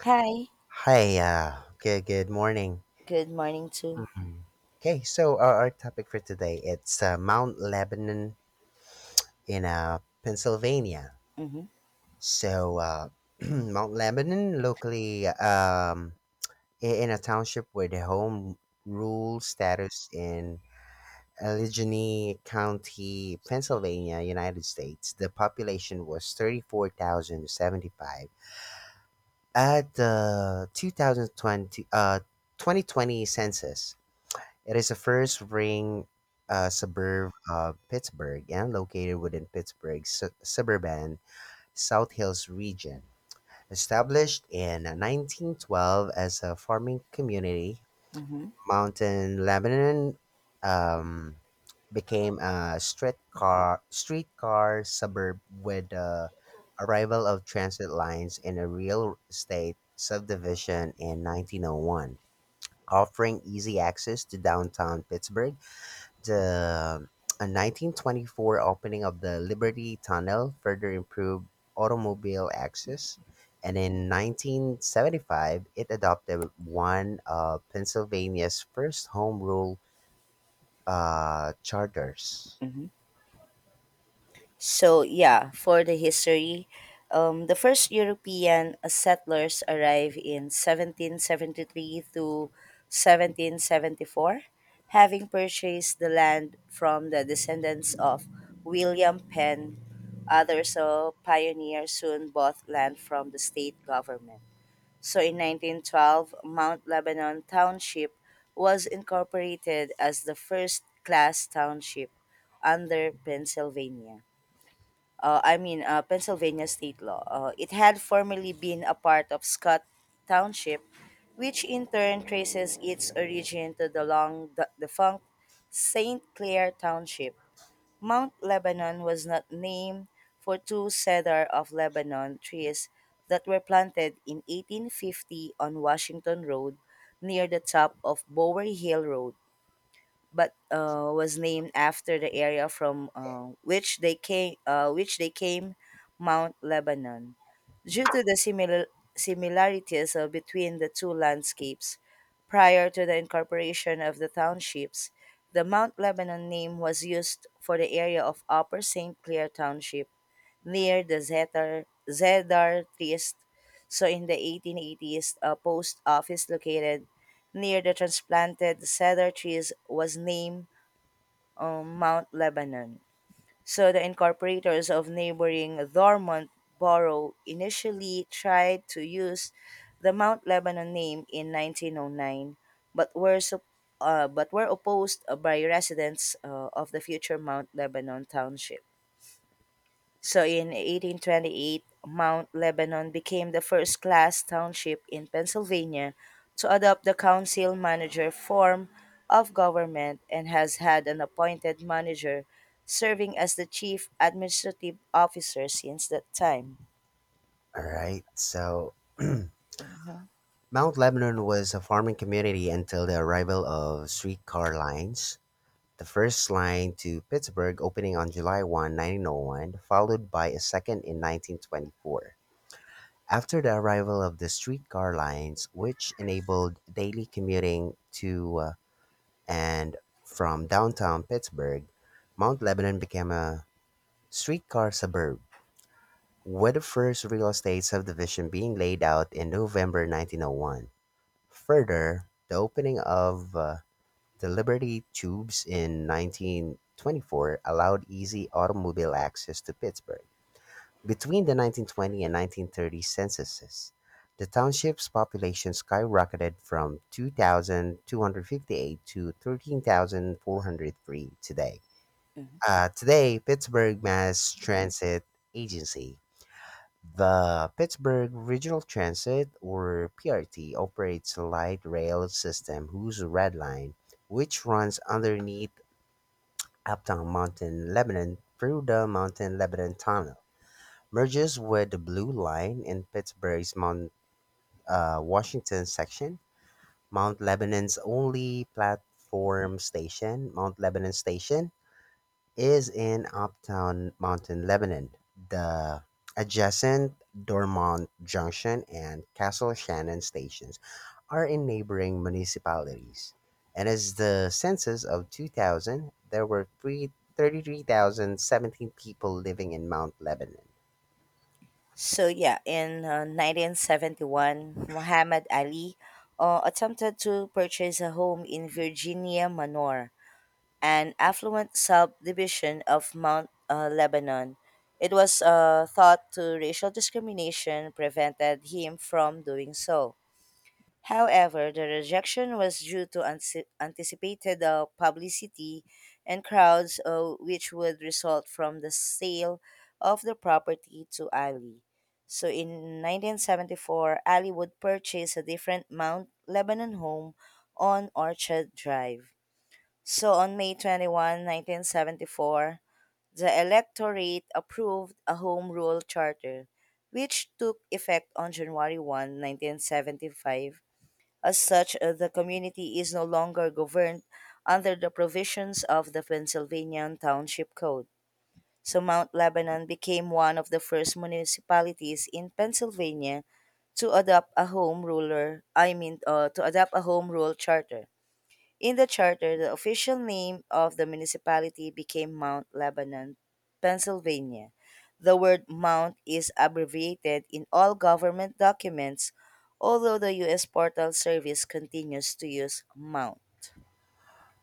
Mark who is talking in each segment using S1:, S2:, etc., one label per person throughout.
S1: Hi,
S2: Hi, good morning.
S1: good morning too.
S2: Mhm. Okay, so our topic for today it's Mount Lebanon in Pennsylvania. So Mount Lebanon, locally, in a township where the home rule status in Allegheny County, Pennsylvania, United States, the population was 34,075 at the 2020 census. It is the first ring suburb of Pittsburgh and located within Pittsburgh's suburban South Hills region. Established in 1912 as a farming community,
S1: hmm
S2: Mountain Lebanon um, became a streetcar suburb with the arrival of transit lines and a real estate subdivision in 1901, offering easy access to downtown Pittsburgh. The 1924 opening of the Liberty Tunnel further improved automobile access, and in 1975, it adopted one of Pennsylvania's first home rule charters.
S1: hmm So yeah, for the history, the first European settlers arrived in 1773 to 1774, having purchased the land from the descendants of William Penn. Others, pioneers, soon bought land from the state government. So in 1912, Mount Lebanon Township was incorporated as the first class township under Pennsylvania. Pennsylvania state law. It had formerly been a part of Scott Township, which in turn traces its origin to the long defunct St. Clair Township. Mount Lebanon was not named for two cedar of Lebanon trees that were planted in 1850 on Washington Road near the top of Bower Hill Road but was named after the area from which they came, Mount Lebanon. Due to the similarities between the two landscapes, prior to the incorporation of the townships, the Mount Lebanon name was used for the area of Upper St. Clair Township near the Zedar Trist, so in the 1880s, a post office located near the transplanted cedar trees was named Mount Lebanon. So the incorporators of neighboring Dormont Borough initially tried to use the Mount Lebanon name in 1909, but were sup- but were opposed by residents of the future Mount Lebanon Township. So in 1828, Mount Lebanon became the first class township in Pennsylvania to adopt the council manager form of government and has had an appointed manager serving as the chief administrative officer since that time.
S2: All right, so Mount Lebanon was a farming community until the arrival of streetcar lines. The first line to Pittsburgh opening on July 1st, 1901, followed by a second in 1924. After the arrival of the streetcar lines, which enabled daily commuting to and from downtown Pittsburgh, Mount Lebanon became a streetcar suburb, with the first real estate subdivision being laid out in November 1901. Further, the opening of the Liberty Tubes in 1924 allowed easy automobile access to Pittsburgh. Between the 1920 and 1930 censuses, the township's population skyrocketed from 2,258 to 13,403 today.
S1: Mhm.
S2: Today, Pittsburgh Mass Transit Agency, the Pittsburgh Regional Transit or PRT, operates a light rail system whose Red Line, which runs underneath Uptown Mountain, Lebanon, through the Mountain Lebanon Tunnel merges with the Blue Line in Pittsburgh's Mount Washington section. Mount Lebanon's only platform station, Mount Lebanon Station, is in Uptown Mountain, Lebanon. The adjacent Dormont Junction and Castle Shannon stations are in neighboring municipalities. And as the census of 2000, there were three thirty-three thousand seventeen people living in Mount Lebanon.
S1: So yeah, in 1971, Muhammad Ali attempted to purchase a home in Virginia Manor, an affluent subdivision of Mount Lebanon. It was thought to racial discrimination prevented him from doing so. However, the rejection was due to anticipated publicity and crowds, which would result from the sale of the property to Ali. So in 1974, Ali would purchase a different Mount Lebanon home on Orchard Drive. So on May 21, 1974, the electorate approved a Home Rule Charter, which took effect on January 1, 1975. As such, the community is no longer governed under the provisions of the Pennsylvania Township Code. So Mount Lebanon became one of the first municipalities in Pennsylvania to adopt a home ruler, I mean, to adopt a home rule charter. In the charter, the official name of the municipality became Mount Lebanon, Pennsylvania. The word Mount is abbreviated in all government documents, although the U.S. Postal Service continues to use Mount.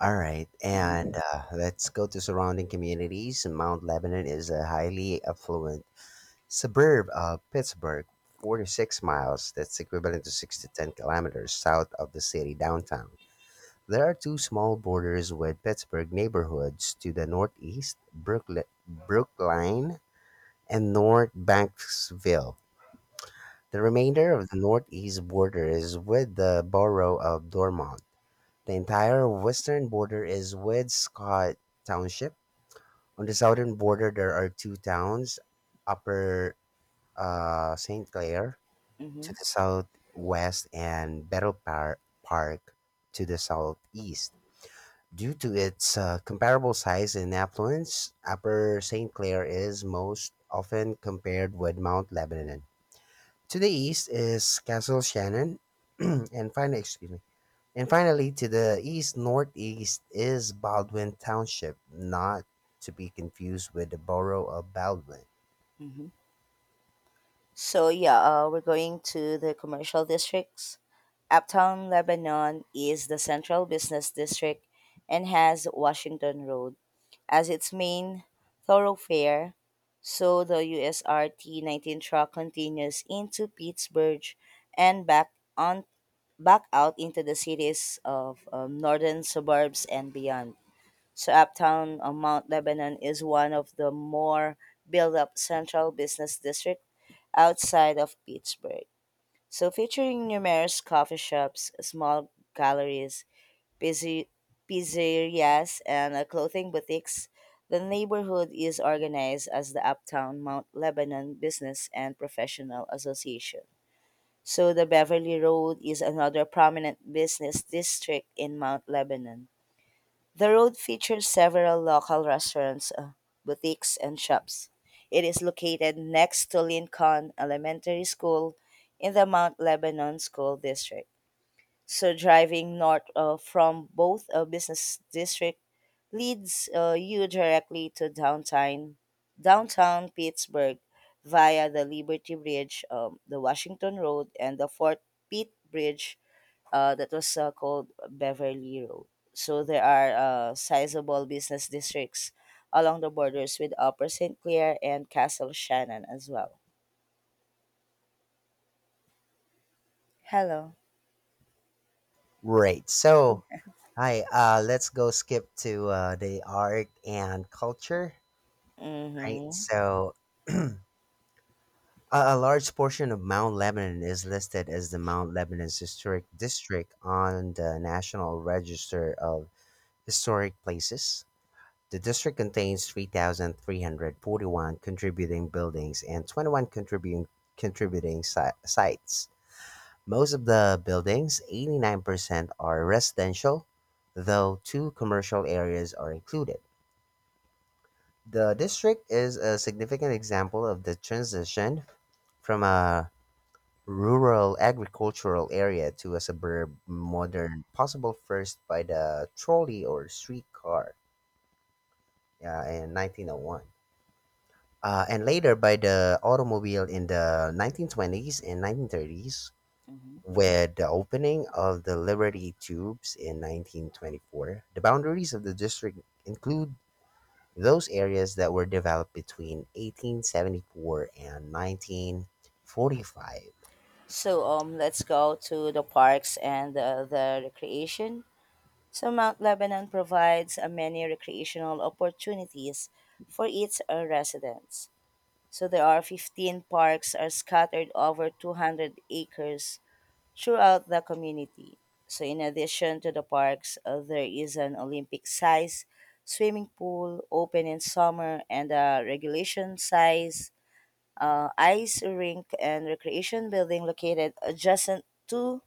S2: All right, and
S1: Mhm,
S2: let's go to surrounding communities. Mount Lebanon is a highly affluent suburb of Pittsburgh, 46 miles, that's equivalent to 6 to 10 kilometers south of the city downtown. There are two small borders with Pittsburgh neighborhoods to the northeast, Brookline and North Banksville. The remainder of the northeast border is with the borough of Dormont. The entire western border is with Scott Township. On the southern border, there are two towns, Upper St. Clair to
S1: mhm,
S2: the southwest and Battle Park to the southeast. Due to its comparable size and affluence, Upper St. Clair is most often compared with Mount Lebanon. To the east is Castle Shannon, and finally, excuse me, and finally, to the east northeast is Baldwin Township, not to be confused with the borough of Baldwin.
S1: mhm. So, yeah, we're going to the commercial districts. Uptown Lebanon is the central business district and has Washington Road as its main thoroughfare, so the USRT 19 track continues into Pittsburgh and on back out into the cities of northern suburbs and beyond. So uptown Mount Lebanon is one of the more built-up central business district outside of Pittsburgh. So featuring numerous coffee shops, small galleries, pizze- pizzerias, and clothing boutiques. The neighborhood is organized as the Uptown Mount Lebanon Business and Professional Association. So the Beverly Road is another prominent business district in Mount Lebanon. The road features several local restaurants, boutiques, and shops. It is located next to Lincoln Elementary School in the Mount Lebanon School District. So driving north from both a business district leads you directly to downtown Pittsburgh via the Liberty Bridge, the Washington Road, and the Fort Pitt Bridge that was called Beverly Road. So there are sizable business districts along the borders with Upper St. Clair and Castle Shannon as well. Hello.
S2: Right. So, hi, let's go skip to the art and culture. Right.
S1: Mm-hmm.
S2: So, a large portion of Mount Lebanon is listed as the Mount Lebanon's Historic District on the National Register of Historic Places. The district contains 3,341 contributing buildings and 21 contributing sites. Most of the buildings, 89%, are residential, though two commercial areas are included. The district is a significant example of the transition from a rural agricultural area to a suburb modern, possible first by the trolley or streetcar in 1901. And later by the automobile in the 1920s and 1930s. With the opening of the Liberty Tubes in 1924, the boundaries of the district include those areas that were developed between 1874 and 1945.
S1: So let's go to the parks and the recreation. So Mount Lebanon provides many recreational opportunities for its residents. So there are 15 parks are scattered over 200 acres throughout the community. So in addition to the parks, there is an Olympic-size swimming pool open in summer and a regulation-size ice rink and recreation building located adjacent to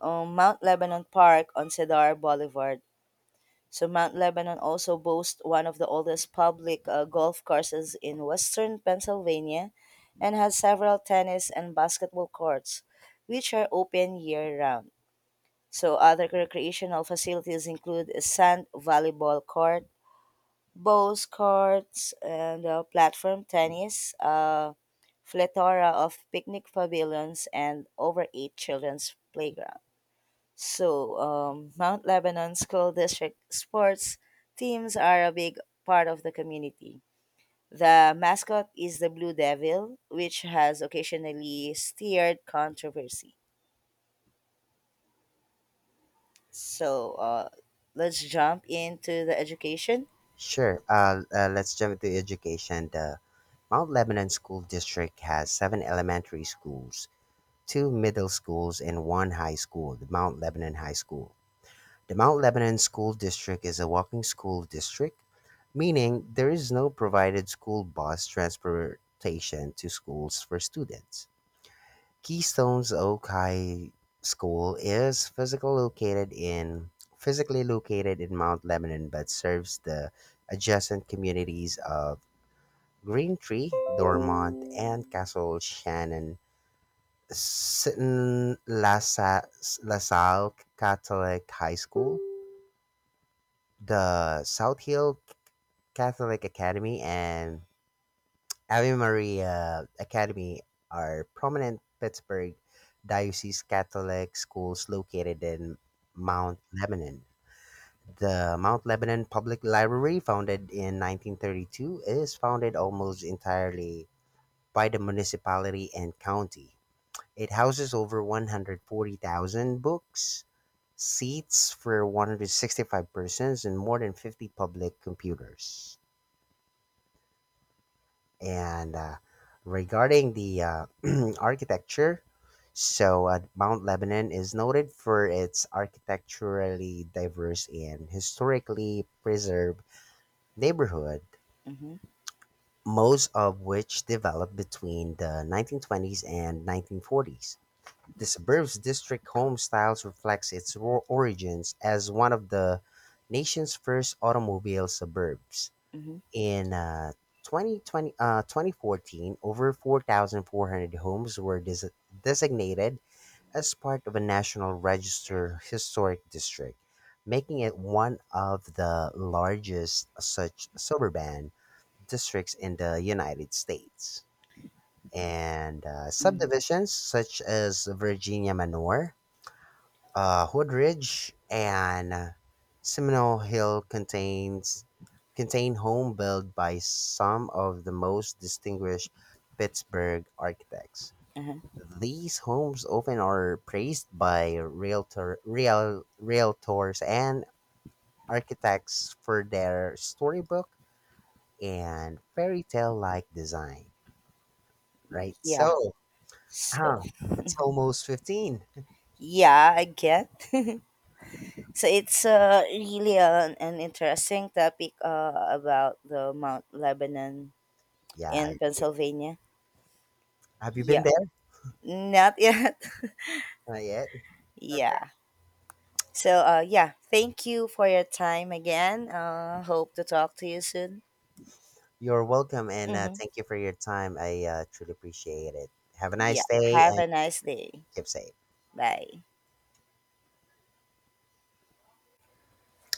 S1: Mount Lebanon Park on Cedar Boulevard. So Mount Lebanon also boasts one of the oldest public golf courses in western Pennsylvania and has several tennis and basketball courts, which are open year round. So other recreational facilities include a sand volleyball court, Bowls courts and platform tennis, a plethora of picnic pavilions, and over eight children's playgrounds. So, Mount Lebanon School District sports teams are a big part of the community. The mascot is the Blue Devil, which has occasionally stirred controversy. So, let's jump into the education.
S2: Sure, let's jump into education. The Mount Lebanon School District has seven elementary schools, two middle schools, and one high school, the Mount Lebanon High School. The Mount Lebanon School District is a walking school district, meaning there is no provided school bus transportation to schools for students. Keystone's Oak High School is physically located in Mount Lebanon but serves the adjacent communities of Green Tree, Dormont, and Castle Shannon. Seton La Salle Catholic High School, the South Hill Catholic Academy, and Ave Maria Academy are prominent Pittsburgh Diocese Catholic schools located in Mount Lebanon. The Mount Lebanon Public Library, founded in 1932, is founded almost entirely by the municipality and county. It houses over 140,000 books, seats for 165 persons, and more than 50 public computers. And regarding the architecture, so Mount Lebanon is noted for its architecturally diverse and historically preserved neighborhood,
S1: Mm-hmm,
S2: most of which developed between the 1920s and 1940s. The suburbs district home styles reflects its origins as one of the nation's first automobile suburbs.
S1: mm-hmm,
S2: In 2014, over 4,400 homes were designated as part of a National Register Historic District, making it one of the largest such suburban districts in the United States. And subdivisions such as Virginia Manor, Hoodridge, and Seminole Hill contain home built by some of the most distinguished Pittsburgh architects.
S1: uh-huh.
S2: These homes often are praised by realtors and architects for their storybook and fairy tale like design. Right?
S1: Yeah.
S2: So,
S1: So,
S2: uh, it's almost 15.
S1: yeah, I get. So it's really an interesting topic about the Mount Lebanon
S2: Yeah, I
S1: in
S2: agree.
S1: Pennsylvania.
S2: Have you been
S1: Yeah,
S2: there?
S1: not yet.
S2: Not yet.
S1: Yeah. So yeah, thank you for your time again. Hope to talk to you soon.
S2: You're welcome, and
S1: Mm-hmm.
S2: thank you for your time. I truly appreciate it. Have a
S1: Yeah.
S2: nice day
S1: Have
S2: and
S1: a nice day.
S2: keep safe.
S1: Bye.